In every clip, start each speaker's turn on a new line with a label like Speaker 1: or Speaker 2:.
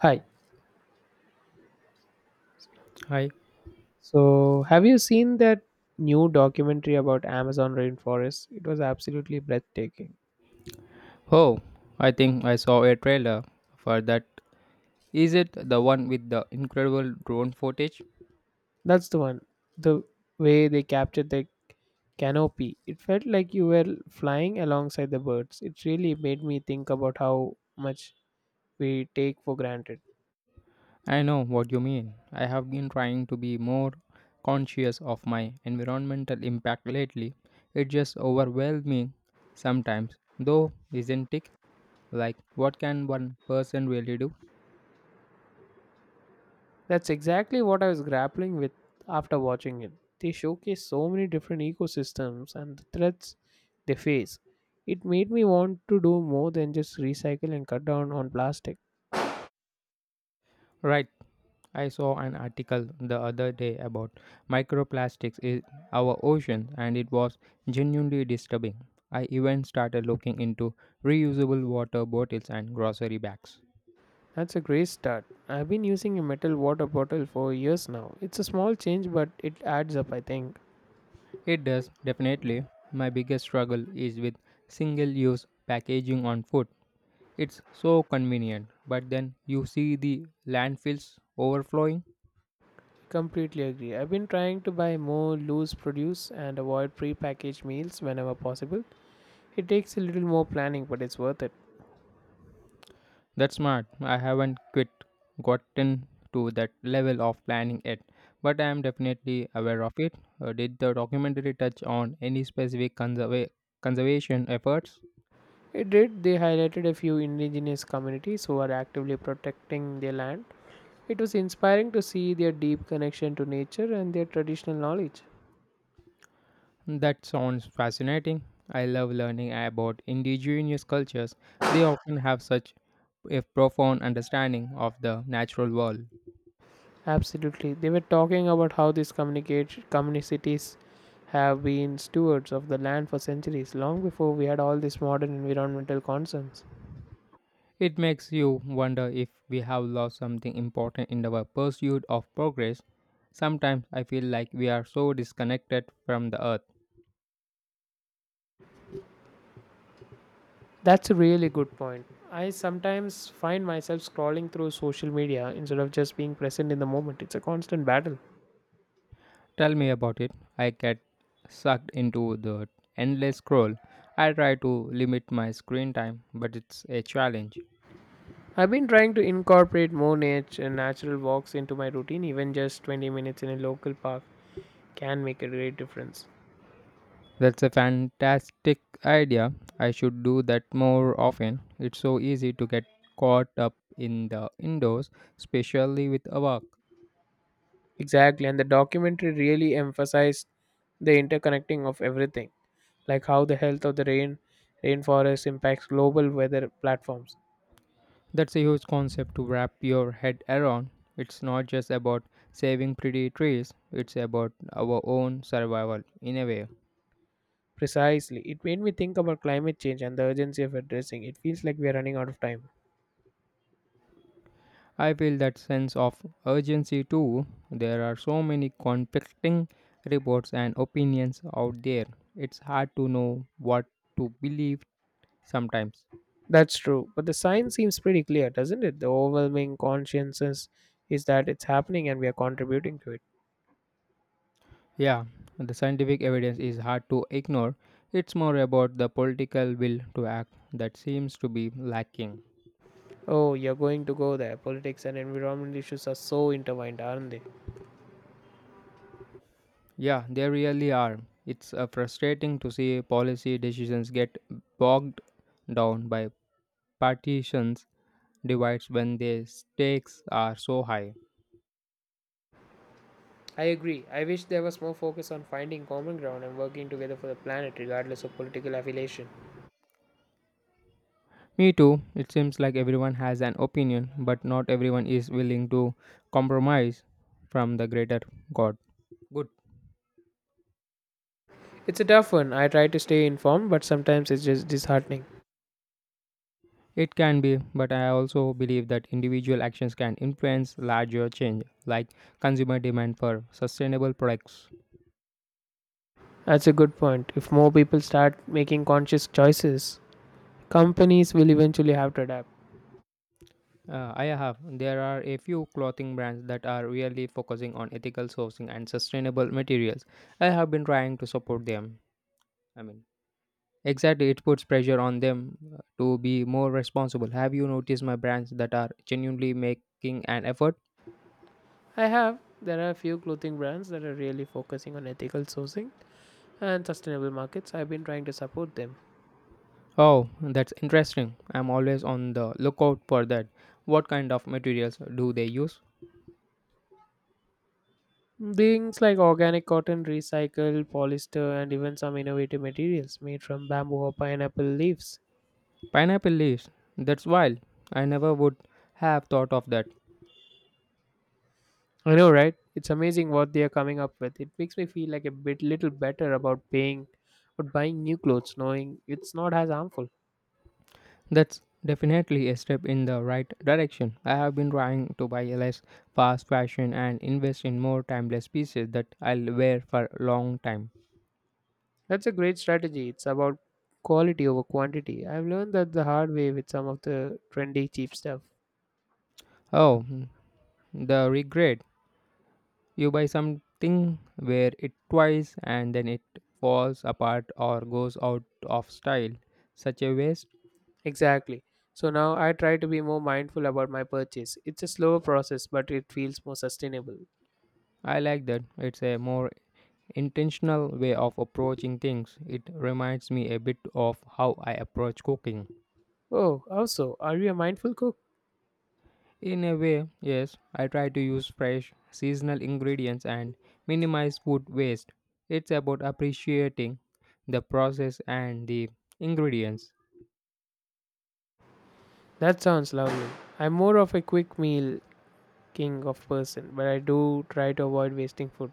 Speaker 1: Hi.
Speaker 2: Hi.
Speaker 1: So, have you seen that new documentary about Amazon rainforest? It was absolutely breathtaking.
Speaker 2: Oh, I think I saw a trailer for that. Is it the one with the incredible drone footage?
Speaker 1: That's the one. The way they captured the canopy, it felt like you were flying alongside the birds. It really made me think about how much we take for granted.
Speaker 2: I know what you mean. I have been trying to be more conscious of my environmental impact lately. It just overwhelming sometimes, though, isn't it? Like, what can one person really do?
Speaker 1: That's exactly what I was grappling with after watching it. They showcase so many different ecosystems and the threats they face. It made me want to do more than just recycle and cut down on plastic.
Speaker 2: Right. I saw an article the other day about microplastics in our ocean and it was genuinely disturbing. I even started looking into reusable water bottles and grocery bags.
Speaker 1: That's a great start. I've been using a metal water bottle for years now. It's a small change, but it adds up, I think.
Speaker 2: It does, definitely. My biggest struggle is with single use packaging on food. It's so convenient, but then you see the landfills overflowing.
Speaker 1: Completely agree. I've been trying to buy more loose produce and avoid pre-packaged meals whenever possible. It takes a little more planning, but it's worth it.
Speaker 2: That's smart. I haven't quite gotten to that level of planning yet, but I am definitely aware of it. Did the documentary touch on any specific conservation efforts?
Speaker 1: It did. They highlighted a few indigenous communities who are actively protecting their land. It was inspiring to see their deep connection to nature and their traditional knowledge.
Speaker 2: That sounds fascinating. I love learning about indigenous cultures. They often have such a profound understanding of the natural world.
Speaker 1: Absolutely. They were talking about how these communicate communities have been stewards of the land for centuries, long before we had all these modern environmental concerns.
Speaker 2: It makes you wonder if we have lost something important in our pursuit of progress. Sometimes I feel like we are so disconnected from the earth.
Speaker 1: That's a really good point. I sometimes find myself scrolling through social media instead of just being present in the moment. It's a constant battle.
Speaker 2: Tell me about it. I get sucked into the endless scroll. I try to limit my screen time, but it's a challenge.
Speaker 1: I've been trying to incorporate more natural walks into my routine, even just 20 minutes in a local park can make a great difference.
Speaker 2: That's a fantastic idea. I should do that more often. It's so easy to get caught up in the indoors, especially with a work.
Speaker 1: Exactly, and the documentary really emphasized the interconnecting of everything, like how the health of the rainforest impacts global weather platforms.
Speaker 2: That's a huge concept to wrap your head around. It's not just about saving pretty trees, it's about our own survival in a way.
Speaker 1: Precisely, it made me think about climate change and the urgency of addressing. It feels like we are running out of time.
Speaker 2: I feel that sense of urgency too. There are so many conflicting reports and opinions out there. It's hard to know what to believe sometimes.
Speaker 1: That's true, but the science seems pretty clear, doesn't it? The overwhelming consciousness is that it's happening and we are contributing to it.
Speaker 2: Yeah, the scientific evidence is hard to ignore. It's more about the political will to act that seems to be lacking.
Speaker 1: Oh, you're going to go there. Politics and environmental issues are so intertwined, aren't they?
Speaker 2: Yeah, they really are. It's frustrating to see policy decisions get bogged down by partitions divides when their stakes are so high.
Speaker 1: I agree. I wish there was more focus on finding common ground and working together for the planet, regardless of political affiliation.
Speaker 2: Me too. It seems like everyone has an opinion, but not everyone is willing to compromise from the greater God. Good.
Speaker 1: It's a tough one. I try to stay informed, but sometimes it's just disheartening.
Speaker 2: It can be, but I also believe that individual actions can influence larger change, like consumer demand for sustainable products.
Speaker 1: That's a good point. If more people start making conscious choices, companies will eventually have to adapt.
Speaker 2: I have. There are a few clothing brands that are really focusing on ethical sourcing and sustainable materials. I have been trying to support them. I mean, exactly, it puts pressure on them to be more responsible. Have you noticed my brands that are genuinely making an effort?
Speaker 1: I have. There are a few clothing brands that are really focusing on ethical sourcing and sustainable markets. I've been trying to support them.
Speaker 2: Oh, that's interesting. I'm always on the lookout for that. What kind of materials do they use?
Speaker 1: Beings like organic cotton, recycled polyester, and even some innovative materials made from bamboo or pineapple leaves.
Speaker 2: Pineapple leaves. That's wild. I never would have thought of that.
Speaker 1: I know, right? It's amazing what they are coming up with. It makes me feel like a bit little better about paying but buying new clothes, knowing it's not as harmful.
Speaker 2: That's definitely a step in the right direction. I have been trying to buy less fast fashion and invest in more timeless pieces that I'll wear for a long time.
Speaker 1: That's a great strategy. It's about quality over quantity. I've learned that the hard way with some of the trendy cheap stuff.
Speaker 2: Oh, the regret. You buy something, wear it twice, and then it falls apart or goes out of style. Such a waste.
Speaker 1: Exactly. So now I try to be more mindful about my purchase. It's a slower process, but it feels more sustainable.
Speaker 2: I like that. It's a more intentional way of approaching things. It reminds me a bit of how I approach cooking.
Speaker 1: Oh, also, are you a mindful cook?
Speaker 2: In a way, yes, I try to use fresh, seasonal ingredients and minimize food waste. It's about appreciating the process and the ingredients.
Speaker 1: That sounds lovely. I'm more of a quick meal king of person, but I do try to avoid wasting food.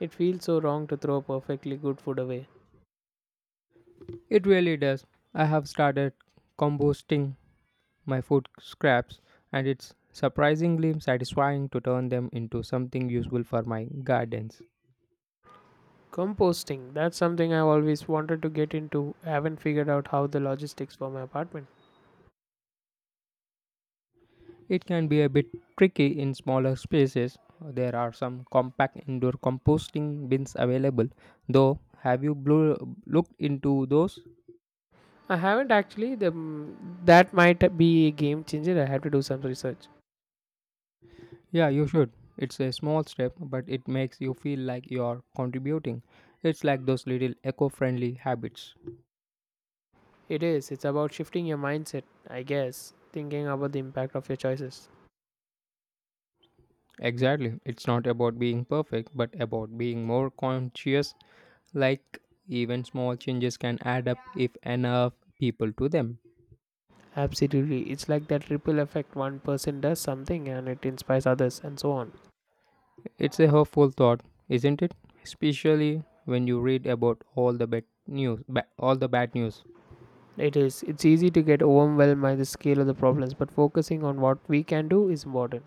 Speaker 1: It feels so wrong to throw perfectly good food away.
Speaker 2: It really does. I have started composting my food scraps, and it's surprisingly satisfying to turn them into something useful for my gardens.
Speaker 1: Composting, that's something I've always wanted to get into. I haven't figured out how the logistics for my apartment.
Speaker 2: It can be a bit tricky in smaller spaces. There are some compact indoor composting bins available, though. Have you looked into those?
Speaker 1: I haven't actually. That might be a game changer. I have to do some research.
Speaker 2: Yeah, you should. It's a small step, but it makes you feel like you're contributing. It's like those little eco friendly habits.
Speaker 1: It is. It's about shifting your mindset, I guess, thinking about the impact of your choices.
Speaker 2: Exactly. It's not about being perfect, but about being more conscious. Like, even small changes can add up if enough people to them.
Speaker 1: Absolutely. It's like that ripple effect one person does something and it inspires others and so on.
Speaker 2: It's a hopeful thought, isn't it? Especially when you read about all the bad news, all the bad news.
Speaker 1: It's easy to get overwhelmed by the scale of the problems, but focusing on what we can do is important.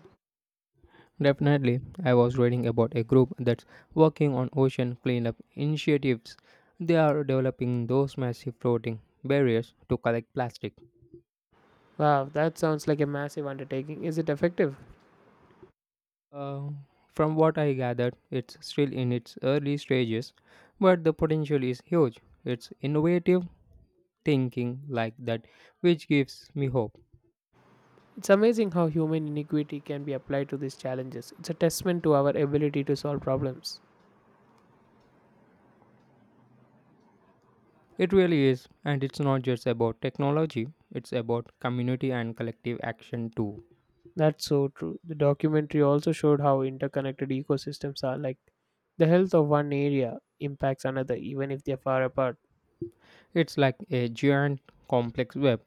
Speaker 2: Definitely, I was reading about a group that's working on ocean cleanup initiatives. They are developing those massive floating barriers to collect plastic.
Speaker 1: Wow, that sounds like a massive undertaking. Is it effective?
Speaker 2: Uh, from what I gathered, it's still in its early stages, but the potential is huge. It's innovative thinking like that which gives me hope.
Speaker 1: It's amazing how human iniquity can be applied to these challenges. It's a testament to our ability to solve problems.
Speaker 2: It really is, and it's not just about technology, it's about community and collective action too.
Speaker 1: That's so true. The documentary also showed how interconnected ecosystems are, like the health of one area impacts another even if they are far apart.
Speaker 2: It's like a giant complex web.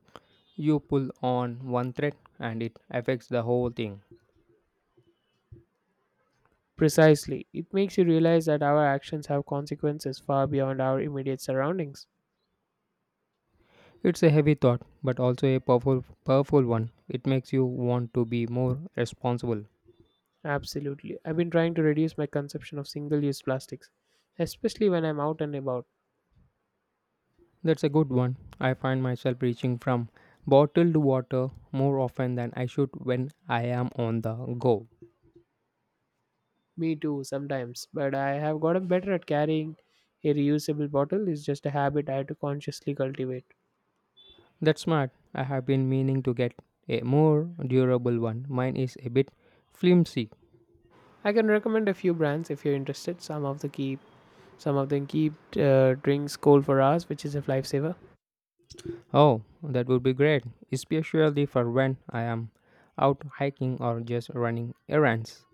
Speaker 2: You pull on one thread and it affects the whole thing.
Speaker 1: Precisely. It makes you realize that our actions have consequences far beyond our immediate surroundings.
Speaker 2: It's a heavy thought, but also a powerful, powerful one. It makes you want to be more responsible.
Speaker 1: Absolutely. I've been trying to reduce my consumption of single use plastics, especially when I'm out and about.
Speaker 2: That's a good one. I find myself reaching from bottled water more often than I should when I am on the go.
Speaker 1: Me too, sometimes. But I have gotten better at carrying a reusable bottle, it's just a habit I had to consciously cultivate.
Speaker 2: That's smart. I have been meaning to get a more durable one. Mine is a bit flimsy.
Speaker 1: I can recommend a few brands if you're interested. Some of them keep drinks cold for hours, which is a lifesaver.
Speaker 2: Oh, that would be great, especially for when I am out hiking or just running errands.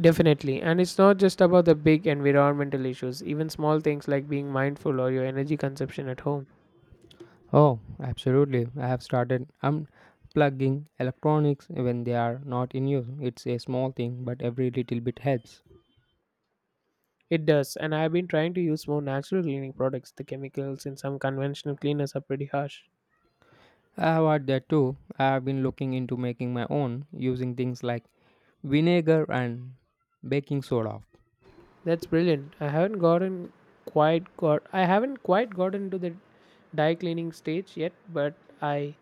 Speaker 1: Definitely. And it's not just about the big environmental issues, even small things like being mindful or your energy consumption at home.
Speaker 2: Oh, absolutely. I have started unplugging electronics when they are not in use. It's a small thing, but every little bit helps.
Speaker 1: It does, and I have been trying to use more natural cleaning products. The chemicals in some conventional cleaners are pretty harsh.
Speaker 2: I have had that too. I have been looking into making my own using things like vinegar and baking soda.
Speaker 1: That's brilliant. I haven't quite gotten to the dye cleaning stage yet, but I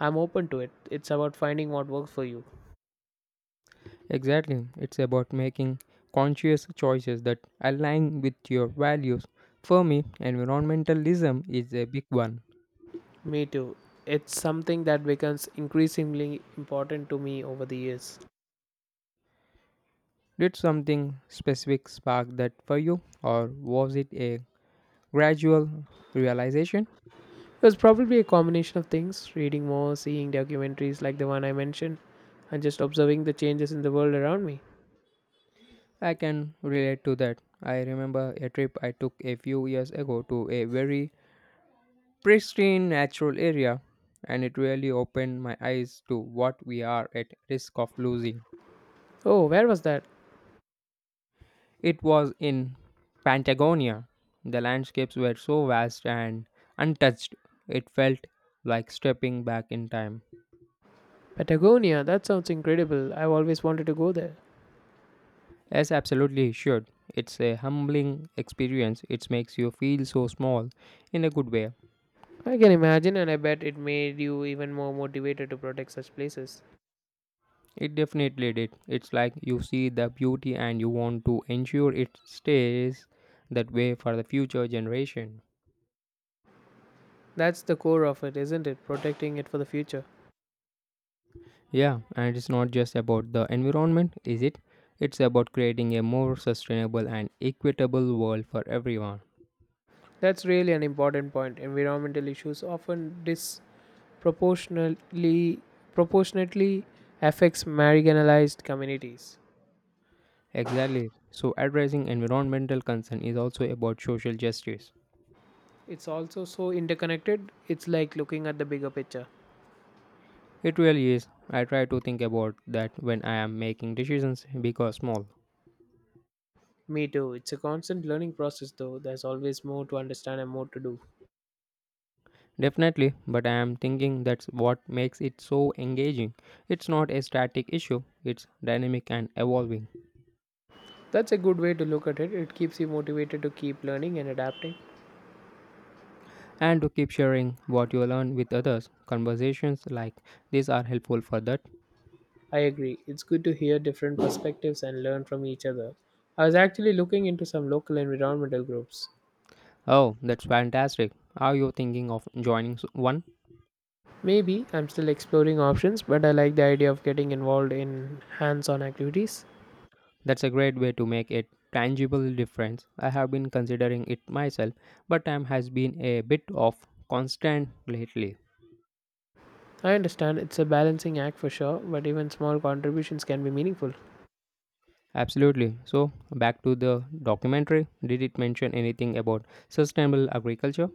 Speaker 1: I'm open to it. It's about finding what works for you.
Speaker 2: Exactly. It's about making conscious choices that align with your values. For me, environmentalism is a big one.
Speaker 1: Me too. It's something that becomes increasingly important to me over the years.
Speaker 2: Did something specific spark that for you, or was it a gradual realization?
Speaker 1: It was probably a combination of things reading more, seeing documentaries like the one I mentioned, and just observing the changes in the world around me.
Speaker 2: I can relate to that. I remember a trip I took a few years ago to a very pristine natural area, and it really opened my eyes to what we are at risk of losing.
Speaker 1: Oh, where was that?
Speaker 2: It was in Patagonia. The landscapes were so vast and untouched, it felt like stepping back in time.
Speaker 1: Patagonia, that sounds incredible. I've always wanted to go there.
Speaker 2: Yes, absolutely, sure. It's a humbling experience. It makes you feel so small in a good way.
Speaker 1: I can imagine, and I bet it made you even more motivated to protect such places.
Speaker 2: It definitely did. It's like you see the beauty and you want to ensure it stays that way for the future generation.
Speaker 1: That's the core of it, isn't it? Protecting it for the future.
Speaker 2: Yeah, and it's not just about the environment, is it? It's about creating a more sustainable and equitable world for everyone.
Speaker 1: That's really an important point. Environmental issues often disproportionately proportionately affects marginalized communities.
Speaker 2: Exactly. So, addressing environmental concern is also about social justice.
Speaker 1: It's also so interconnected, it's like looking at the bigger picture.
Speaker 2: It really is. I try to think about that when I am making decisions because small.
Speaker 1: Me too. It's a constant learning process, though. There's always more to understand and more to do.
Speaker 2: Definitely, but I am thinking that's what makes it so engaging. It's not a static issue, it's dynamic and evolving.
Speaker 1: That's a good way to look at it. It keeps you motivated to keep learning and adapting.
Speaker 2: And to keep sharing what you learn with others. Conversations like these are helpful for that.
Speaker 1: I agree. It's good to hear different perspectives and learn from each other. I was actually looking into some local environmental groups.
Speaker 2: Oh, that's fantastic. Are you thinking of joining one?
Speaker 1: Maybe I'm still exploring options, but I like the idea of getting involved in hands on activities.
Speaker 2: That's a great way to make a tangible difference. I have been considering it myself, but time has been a bit of constant lately.
Speaker 1: I understand it's a balancing act for sure, but even small contributions can be meaningful.
Speaker 2: Absolutely. So, back to the documentary. Did it mention anything about sustainable agriculture?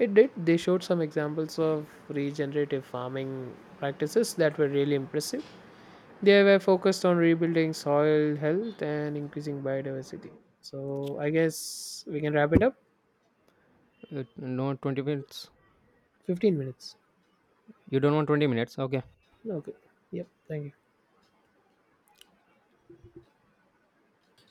Speaker 1: It did. They showed some examples of regenerative farming practices that were really impressive. They were focused on rebuilding soil health and increasing biodiversity. So I guess we can wrap it up.
Speaker 2: No, 20 minutes.
Speaker 1: 15 minutes.
Speaker 2: You don't want 20 minutes? Okay.
Speaker 1: Okay. Yep. Thank you.